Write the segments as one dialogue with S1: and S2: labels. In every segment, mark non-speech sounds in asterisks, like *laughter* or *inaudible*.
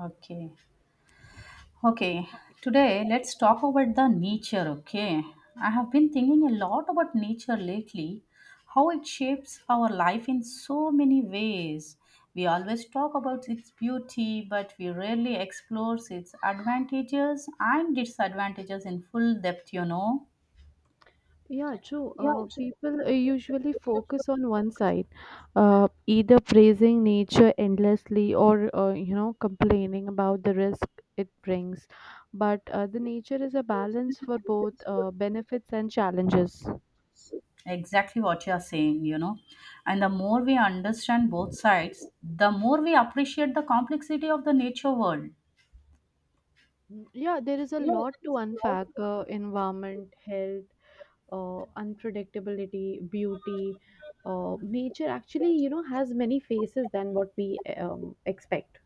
S1: Okay. Okay. Today, let's talk about the nature. Okay. I have been thinking a lot about nature lately, how it shapes our life in so many ways. We always talk about its beauty, but we rarely explore its advantages and disadvantages in full depth,
S2: Yeah, true. People usually focus on one side, either praising nature endlessly or complaining about the risk it brings. But the nature is a balance for both benefits and challenges.
S1: Exactly what you are saying, And the more we understand both sides, the more we appreciate the complexity of the nature world.
S2: Yeah, there is a lot to unpack: environment, health, unpredictability, beauty. Nature actually, you know, has many faces than what we expect.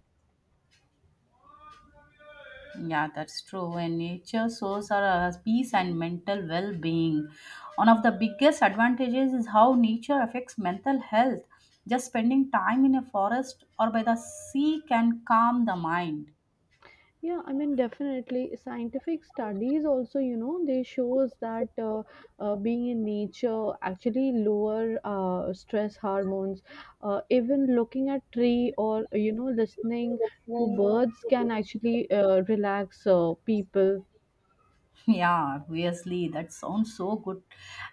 S1: Yeah, that's true. And nature shows our peace and mental well being. One of the biggest advantages is how nature affects mental health. Just spending time in a forest or by the sea can calm the mind.
S2: Yeah, I mean, definitely. Scientific studies also, you know, they shows that being in nature actually lower stress hormones. Even looking at tree or you know listening to birds can actually relax people.
S1: *laughs* Yeah, obviously, that sounds so good.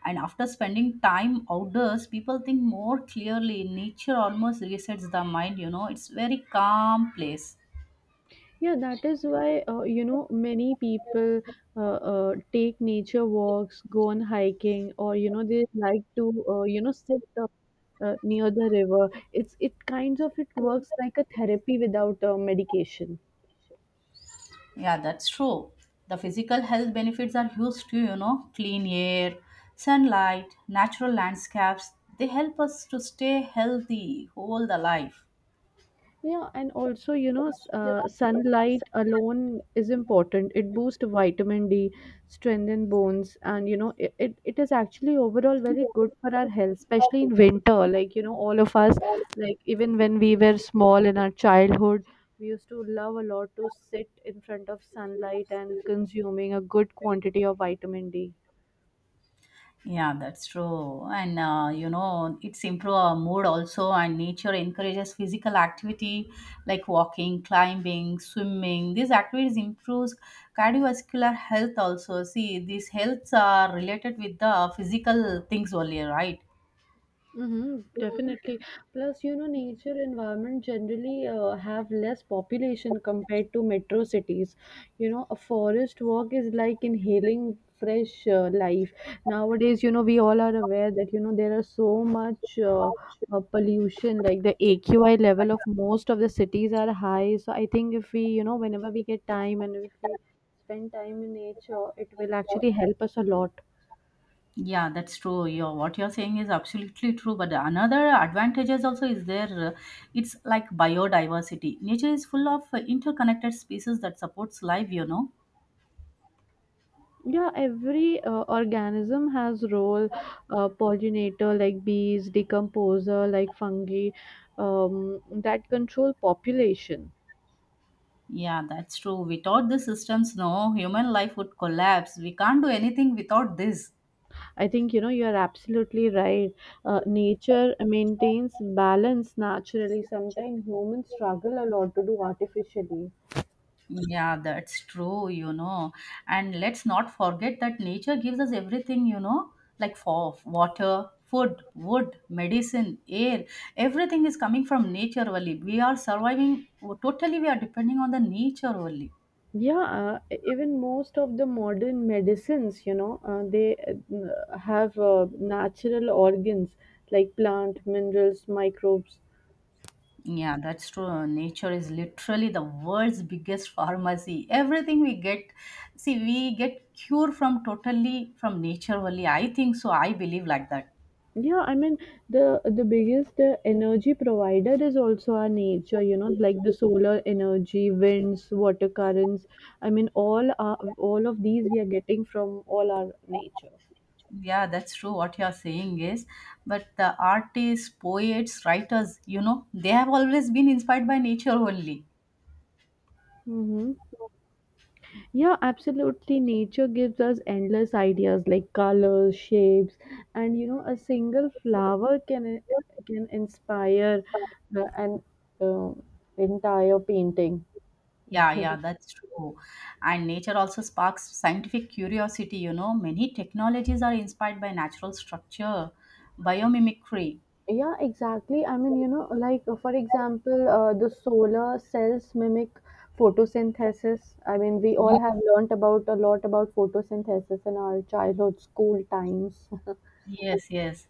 S1: And after spending time outdoors, people think more clearly. Nature almost resets the mind. It's very calm place.
S2: Yeah, that is why you know many people take nature walks, go on hiking, or you know they like to sit near the river. It's it kinds of it works like a therapy without medication.
S1: Yeah, that's true. The physical health benefits are huge too. Clean air, sunlight, natural landscapes, they help us to stay healthy all the life.
S2: Yeah, and also, you know, sunlight alone is important. It boosts vitamin D, strengthen bones, and you know, it is actually overall very good for our health, especially in winter. Like, you know, all of us, like even when we were small in our childhood, we used to love a lot to sit in front of sunlight and consuming a good quantity of vitamin D.
S1: Yeah, that's true. And it's improve our mood also, and nature encourages physical activity like walking, climbing, swimming. These activities improves cardiovascular health also. See, these healths are related with the physical things only, right?
S2: Mm-hmm, definitely. Plus, you know, nature environment generally have less population compared to metro cities. You know, a forest walk is like inhaling fresh life. Nowadays, you know, we all are aware that, you know, there are so much pollution, like the AQI level of most of the cities are high. So I think if we, you know, whenever we get time and if we spend time in nature, it will actually help us a lot.
S1: Yeah, that's true. Your what you're saying is absolutely true. But another advantages also is there. uh, It's like biodiversity. Nature is full of interconnected species that supports life.
S2: Yeah, every organism has role, pollinator like bees, decomposer like fungi, that control population.
S1: Yeah, that's true. Without the systems, no human life would collapse. We can't do anything without this.
S2: I think you know you are absolutely right. Nature maintains balance naturally, sometimes humans struggle a lot to do artificially.
S1: Yeah, that's true. And let's not forget that nature gives us everything, like for water, food, wood, medicine, air. Everything is coming from nature only. We are surviving totally, we are depending on the nature only.
S2: Yeah, even most of the modern medicines, you know, they have natural organs like plant minerals, microbes.
S1: Yeah, that's true. Nature is literally the world's biggest pharmacy. Everything we get, see, we get cure from totally from nature only. I think so. I believe like that.
S2: Yeah, I mean, the biggest energy provider is also our nature, you know, like the solar energy, winds, water currents. I mean, all of these we are getting from all our nature.
S1: Yeah, that's true what you're saying is. But the artists, poets, writers, they have always been inspired by nature only.
S2: Mm-hmm. Yeah, absolutely. Nature gives us endless ideas like colors, shapes, and you know, a single flower can inspire an uh, entire painting.
S1: Yeah, yeah, that's true. And nature also sparks scientific curiosity, many technologies are inspired by natural structure, biomimicry.
S2: Yeah, exactly. I mean, you know, like for example, the solar cells mimic photosynthesis. I mean, we all
S1: Mhm.
S2: have learnt about a lot about photosynthesis in our childhood school times. *laughs*
S1: Yes, yes.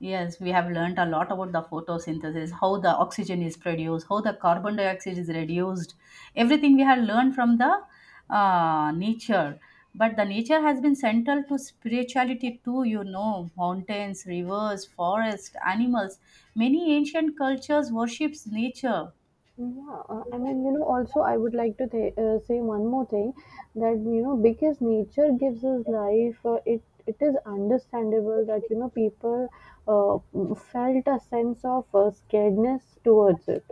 S1: Yes, we have learned a lot about the photosynthesis, how the oxygen is produced, how the carbon dioxide is reduced. Everything we have learned from the nature. But the nature has been central to spirituality too, mountains, rivers, forests, animals. Many ancient cultures worships nature.
S2: Yeah, I mean, you know, also I would like to th say one more thing that, you know, because nature gives us life, it is understandable that, you know, people felt a sense of scaredness towards it,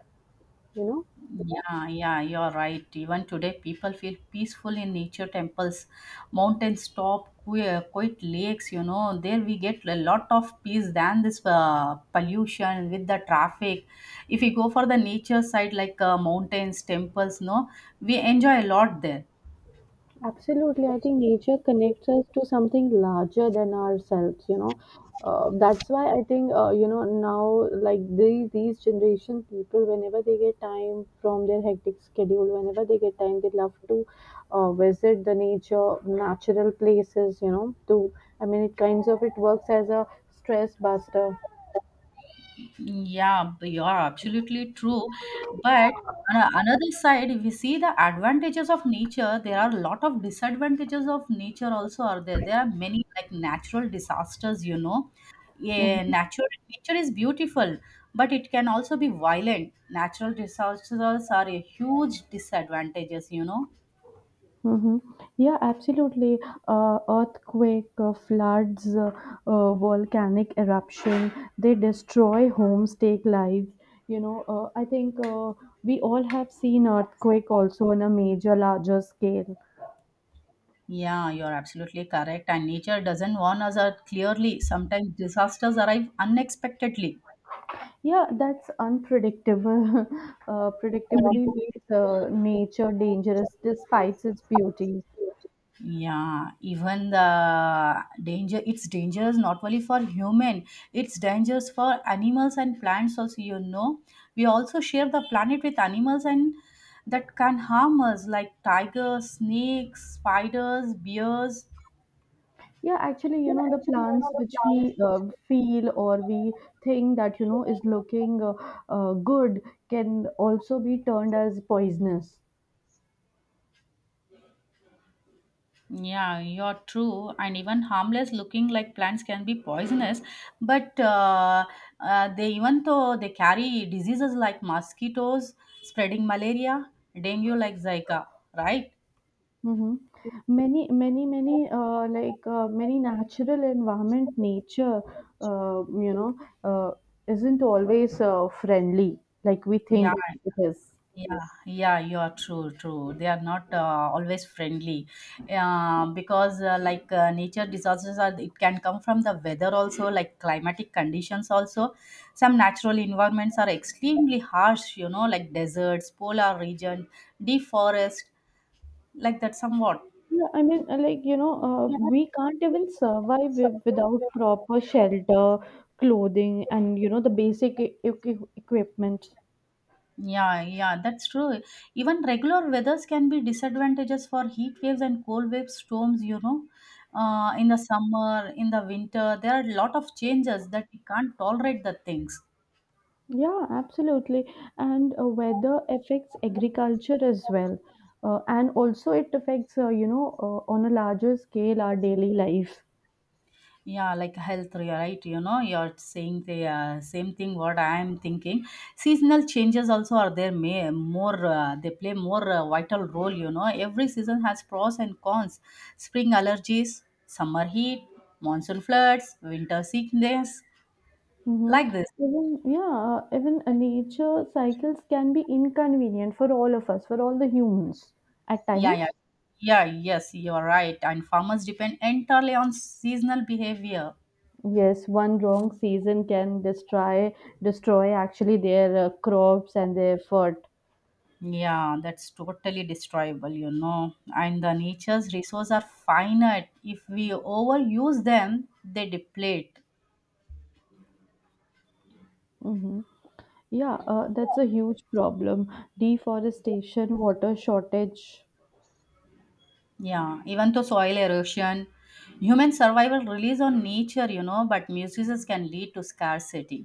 S2: you know.
S1: Yeah, yeah, you're right. Even today, people feel peaceful in nature temples, mountains top, quiet lakes. You know, there we get a lot of peace than this pollution with the traffic. If we go for the nature side, like mountains, temples, no, we enjoy a lot there.
S2: Absolutely. I think nature connects us to something larger than ourselves, you know. That's why I think, you know, now like these generation people, whenever they get time, they love to visit the nature, natural places, you know, to, I mean, it kinds of, it works as a stress buster.
S1: Yeah, you are absolutely true. But on another side, if we see the advantages of nature, there are a lot of disadvantages of nature also are there. There are many like natural disasters, Yeah, natural nature is beautiful, but it can also be violent. Natural disasters are a huge disadvantages,
S2: Mhm. Yeah, absolutely. Earthquake, floods, volcanic eruption, they destroy homes, take lives. You know, I think we all have seen earthquake also on a major, larger scale.
S1: Yeah, you're absolutely correct. And nature doesn't warn us out clearly. Sometimes disasters arrive unexpectedly.
S2: Yeah, that's unpredictable. *laughs* Predictably makes nature dangerous despite its beauty.
S1: Yeah, even the danger, it's dangerous not only for human, it's dangerous for animals and plants also, you know, we also share the planet with animals, and that can harm us like tigers, snakes, spiders, bears.
S2: Yeah, actually, you know, the plants which we feel or we think that, you know, is looking good can also be turned as poisonous.
S1: Yeah, you're true. And even harmless looking like plants can be poisonous, but they even though they carry diseases like mosquitoes, spreading malaria, dengue, like Zika, right?
S2: Hmm. Many many natural environment, nature, uh, you know, uh, isn't always friendly like we
S1: Yeah,
S2: think it is.
S1: yeah, yeah, you are true, true. They are not always friendly, because like nature disasters are it can come from the weather also, like climatic conditions also. Some natural environments are extremely harsh, like deserts, polar region, deep forest, like that somewhat.
S2: Yeah, I mean, we can't even survive without proper shelter, clothing, and, you know, the basic equipment.
S1: Yeah, yeah, that's true. Even regular weathers can be disadvantages for heat waves and cold wave storms, in the summer, in the winter, there are a lot of changes that we can't tolerate the things.
S2: Yeah, absolutely. And weather affects agriculture as well. And also, it affects, on a larger scale, our daily life.
S1: Yeah, like health, you're right? You know, you're saying the same thing what I am thinking. Seasonal changes also are there, may more, they play more vital role, Every season has pros and cons. Spring allergies, summer heat, monsoon floods, winter sickness,
S2: Hmm.
S1: like this.
S2: Even, yeah, even nature cycles can be inconvenient for all of us, for all the humans at
S1: Yeah
S2: times.
S1: yeah, yes, you are right, and farmers depend entirely on seasonal behavior.
S2: Yes, one wrong season can destroy actually their crops and their food.
S1: Yeah, that's totally destroyable, you know, and the nature's resources are finite. If we overuse them, they deplete.
S2: Hmm. Yeah, that's a huge problem. Deforestation, water shortage.
S1: Yeah, even to soil erosion, human survival relies on nature, but misuses can lead to scarcity.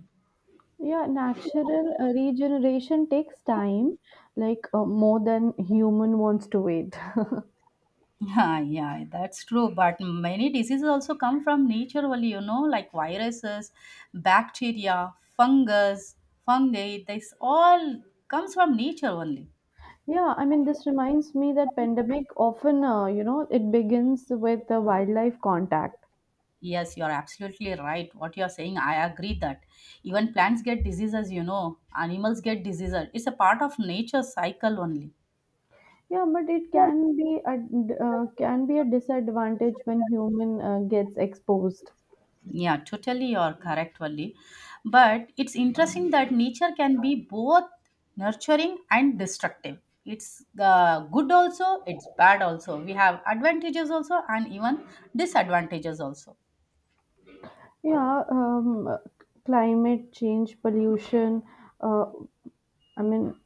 S2: Yeah, natural regeneration takes time, like more than human wants to wait. *laughs*
S1: Yeah, yeah, that's true. But many diseases also come from naturally, like viruses, bacteria, fungus, fungi. This all comes from nature only.
S2: Yeah, I mean, this reminds me that pandemic often, you know, it begins with the wildlife contact.
S1: Yes, you're absolutely right. What you're saying, I agree that even plants get diseases, animals get diseases. It's a part of nature cycle only.
S2: Yeah, but it can be a disadvantage when human gets exposed.
S1: Yeah, totally, you're correct, Valli. But it's interesting that nature can be both nurturing and destructive. It's good also, it's bad also. We have advantages also, and even disadvantages also.
S2: Yeah, climate change, pollution. Uh, I mean,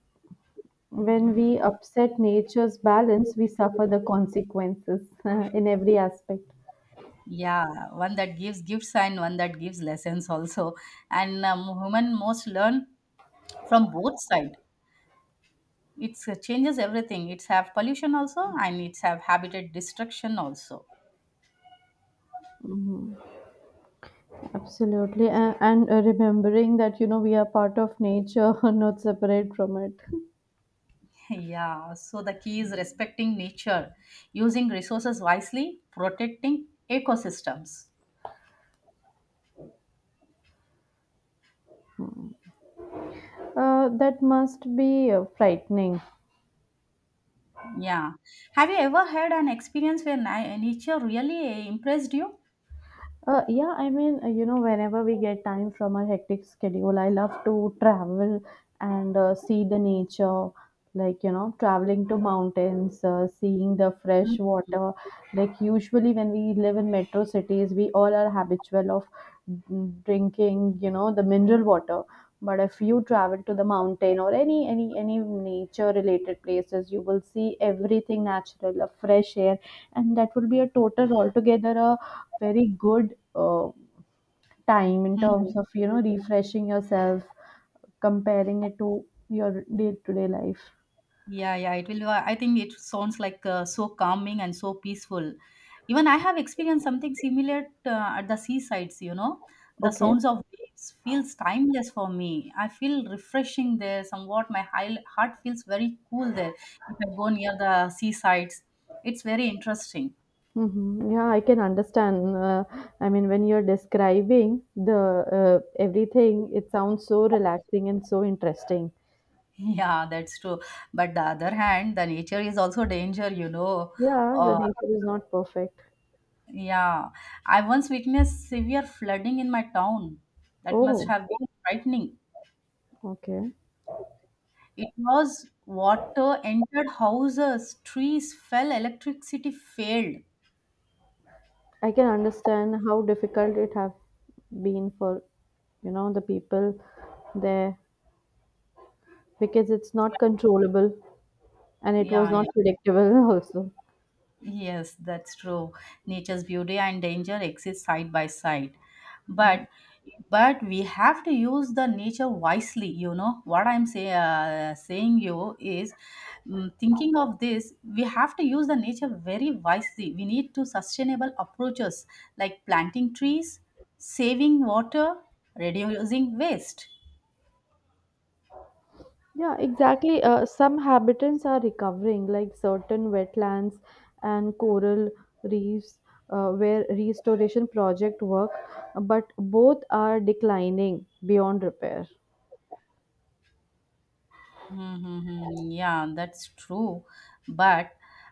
S2: when we upset nature's balance, we suffer the consequences *laughs* in every aspect.
S1: Yeah, one that gives gifts and one that gives lessons also. And human most learn from both side. It changes everything. It's have pollution also, and it's have habitat destruction also.
S2: Absolutely, and remembering that you know we are part of nature, *laughs* not separate from it.
S1: Yeah, so the key is respecting nature, using resources wisely, protecting ecosystems.
S2: That must be frightening.
S1: Yeah. Have you ever had an experience where nature really impressed you?
S2: Yeah, I mean, you know, whenever we get time from our hectic schedule, I love to travel and see the nature, like, you know, traveling to mountains, seeing the fresh water. Like, usually when we live in metro cities, we all are habitual of drinking, you know, the mineral water. But if you travel to the mountain or any nature related places, you will see everything natural, a fresh air, and that will be a total altogether a very good uh, time in
S1: Mhm.
S2: terms of you know refreshing yourself, comparing it to your day-to-day life.
S1: Yeah, yeah, it will. I think it sounds like so calming and so peaceful. Even I have experienced something similar at the seasides, The
S2: Okay.
S1: sounds of waves feels timeless for me. I feel refreshing there somewhat. My high, heart feels very cool there if I go near the seasides. It's very interesting.
S2: Mm-hmm. Yeah, I can understand. I mean, when you're describing the everything, it sounds so relaxing and so interesting.
S1: *laughs* Yeah, that's true. But the other hand, the nature is also danger,
S2: Yeah, the
S1: Uh,
S2: nature is not perfect.
S1: Yeah, I once witnessed severe flooding in my town. That must
S2: Oh,
S1: have been frightening.
S2: okay.
S1: It was water entered houses, trees fell, electricity failed.
S2: I can understand how difficult it have been for, you know, the people there because it's not controllable, and it
S1: Yeah,
S2: was
S1: yeah.
S2: not predictable *laughs* also.
S1: Yes, that's true. Nature's beauty and danger exist side by side. But but we have to use the nature wisely, you know what I'm saying you is, thinking of this, we have to use the nature very wisely. We need to sustainable approaches like planting trees, saving water, reducing waste.
S2: Yeah, exactly. Some habitats are recovering, like certain wetlands and coral reefs, where restoration project work, but both are declining beyond repair.
S1: Mm-hmm. Yeah, that's true. But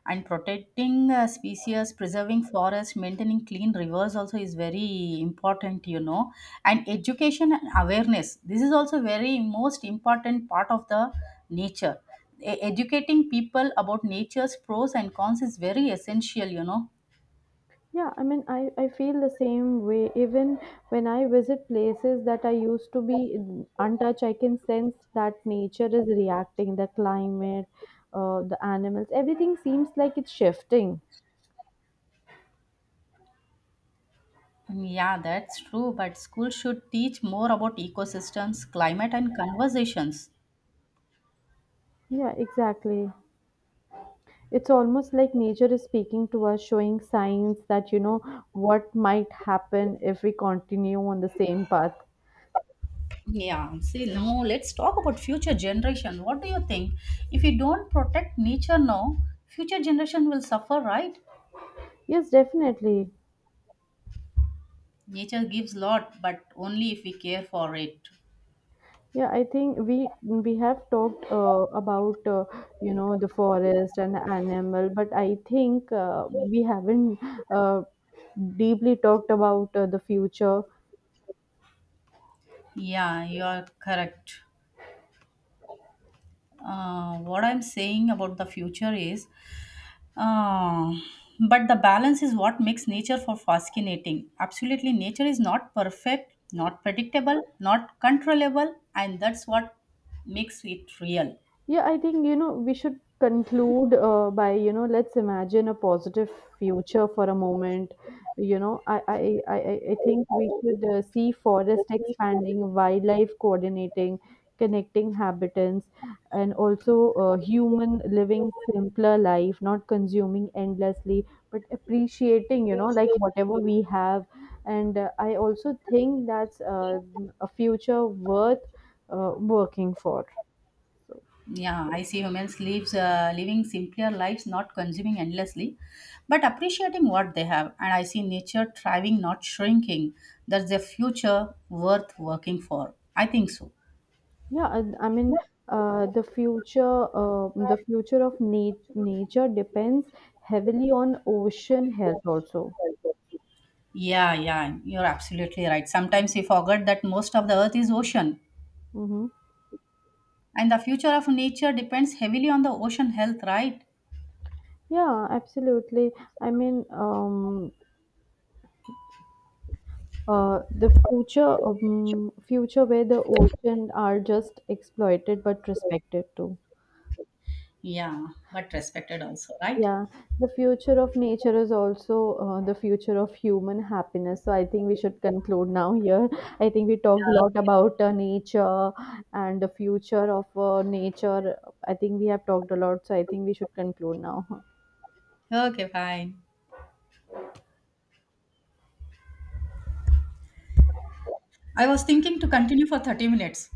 S1: and protecting species, preserving forests, maintaining clean rivers also is very important, And education and awareness. This is also very most important part of the nature. Educating people about nature's pros and cons is very essential,
S2: Yeah, I mean, I feel the same way. Even when I visit places that I used to be untouched, I can sense that nature is reacting, the climate, the animals, everything seems like it's shifting.
S1: Mm, yeah, that's true. But schools should teach more about ecosystems, climate, and conversations.
S2: Yeah, exactly. It's almost like nature is speaking to us, showing signs that, you know, what might happen if we continue on the same path.
S1: Yeah, see, now let's talk about future generation. What do you think? If we don't protect nature now, future generation will suffer, right?
S2: Yes, definitely.
S1: Nature gives lot, but only if we care for it.
S2: Yeah, I think we have talked about you know the forest and the animal, but I think we haven't uh, deeply talked about the future.
S1: Yeah, you are correct. What I'm saying about the future is, uh, but the balance is what makes nature for fascinating. Absolutely, nature is not perfect, not predictable, not controllable, and that's what makes it real.
S2: Yeah, I think, you know, we should conclude by, you know, let's imagine a positive future for a moment. You know, I think we should see forest expanding, wildlife coordinating, connecting habitants, and also human living simpler life, not consuming endlessly, but appreciating, you know, like whatever we have. And I also think that's a future worth working for. So.
S1: Yeah, I see humans lives living simpler lives, not consuming endlessly, but appreciating what they have. And I see nature thriving, not shrinking. That's a future worth working for. I think so.
S2: Yeah, I mean, the future of nature depends heavily on ocean health also.
S1: Yeah, yeah, you're absolutely right. Sometimes we forget that most of the earth is ocean,
S2: Hmm.
S1: and the future of nature depends heavily on the ocean health, right?
S2: Yeah, absolutely. I mean, future where the ocean are just exploited but respected too.
S1: Yeah, but respected also, right?
S2: Yeah, the future of nature is also the future of human happiness. So I think we should conclude now here. I think we talked a lot about nature and the future of nature. I think we have talked a lot, so I think we should conclude now.
S1: Yeah. Okay, fine. I was thinking to continue for 30 minutes.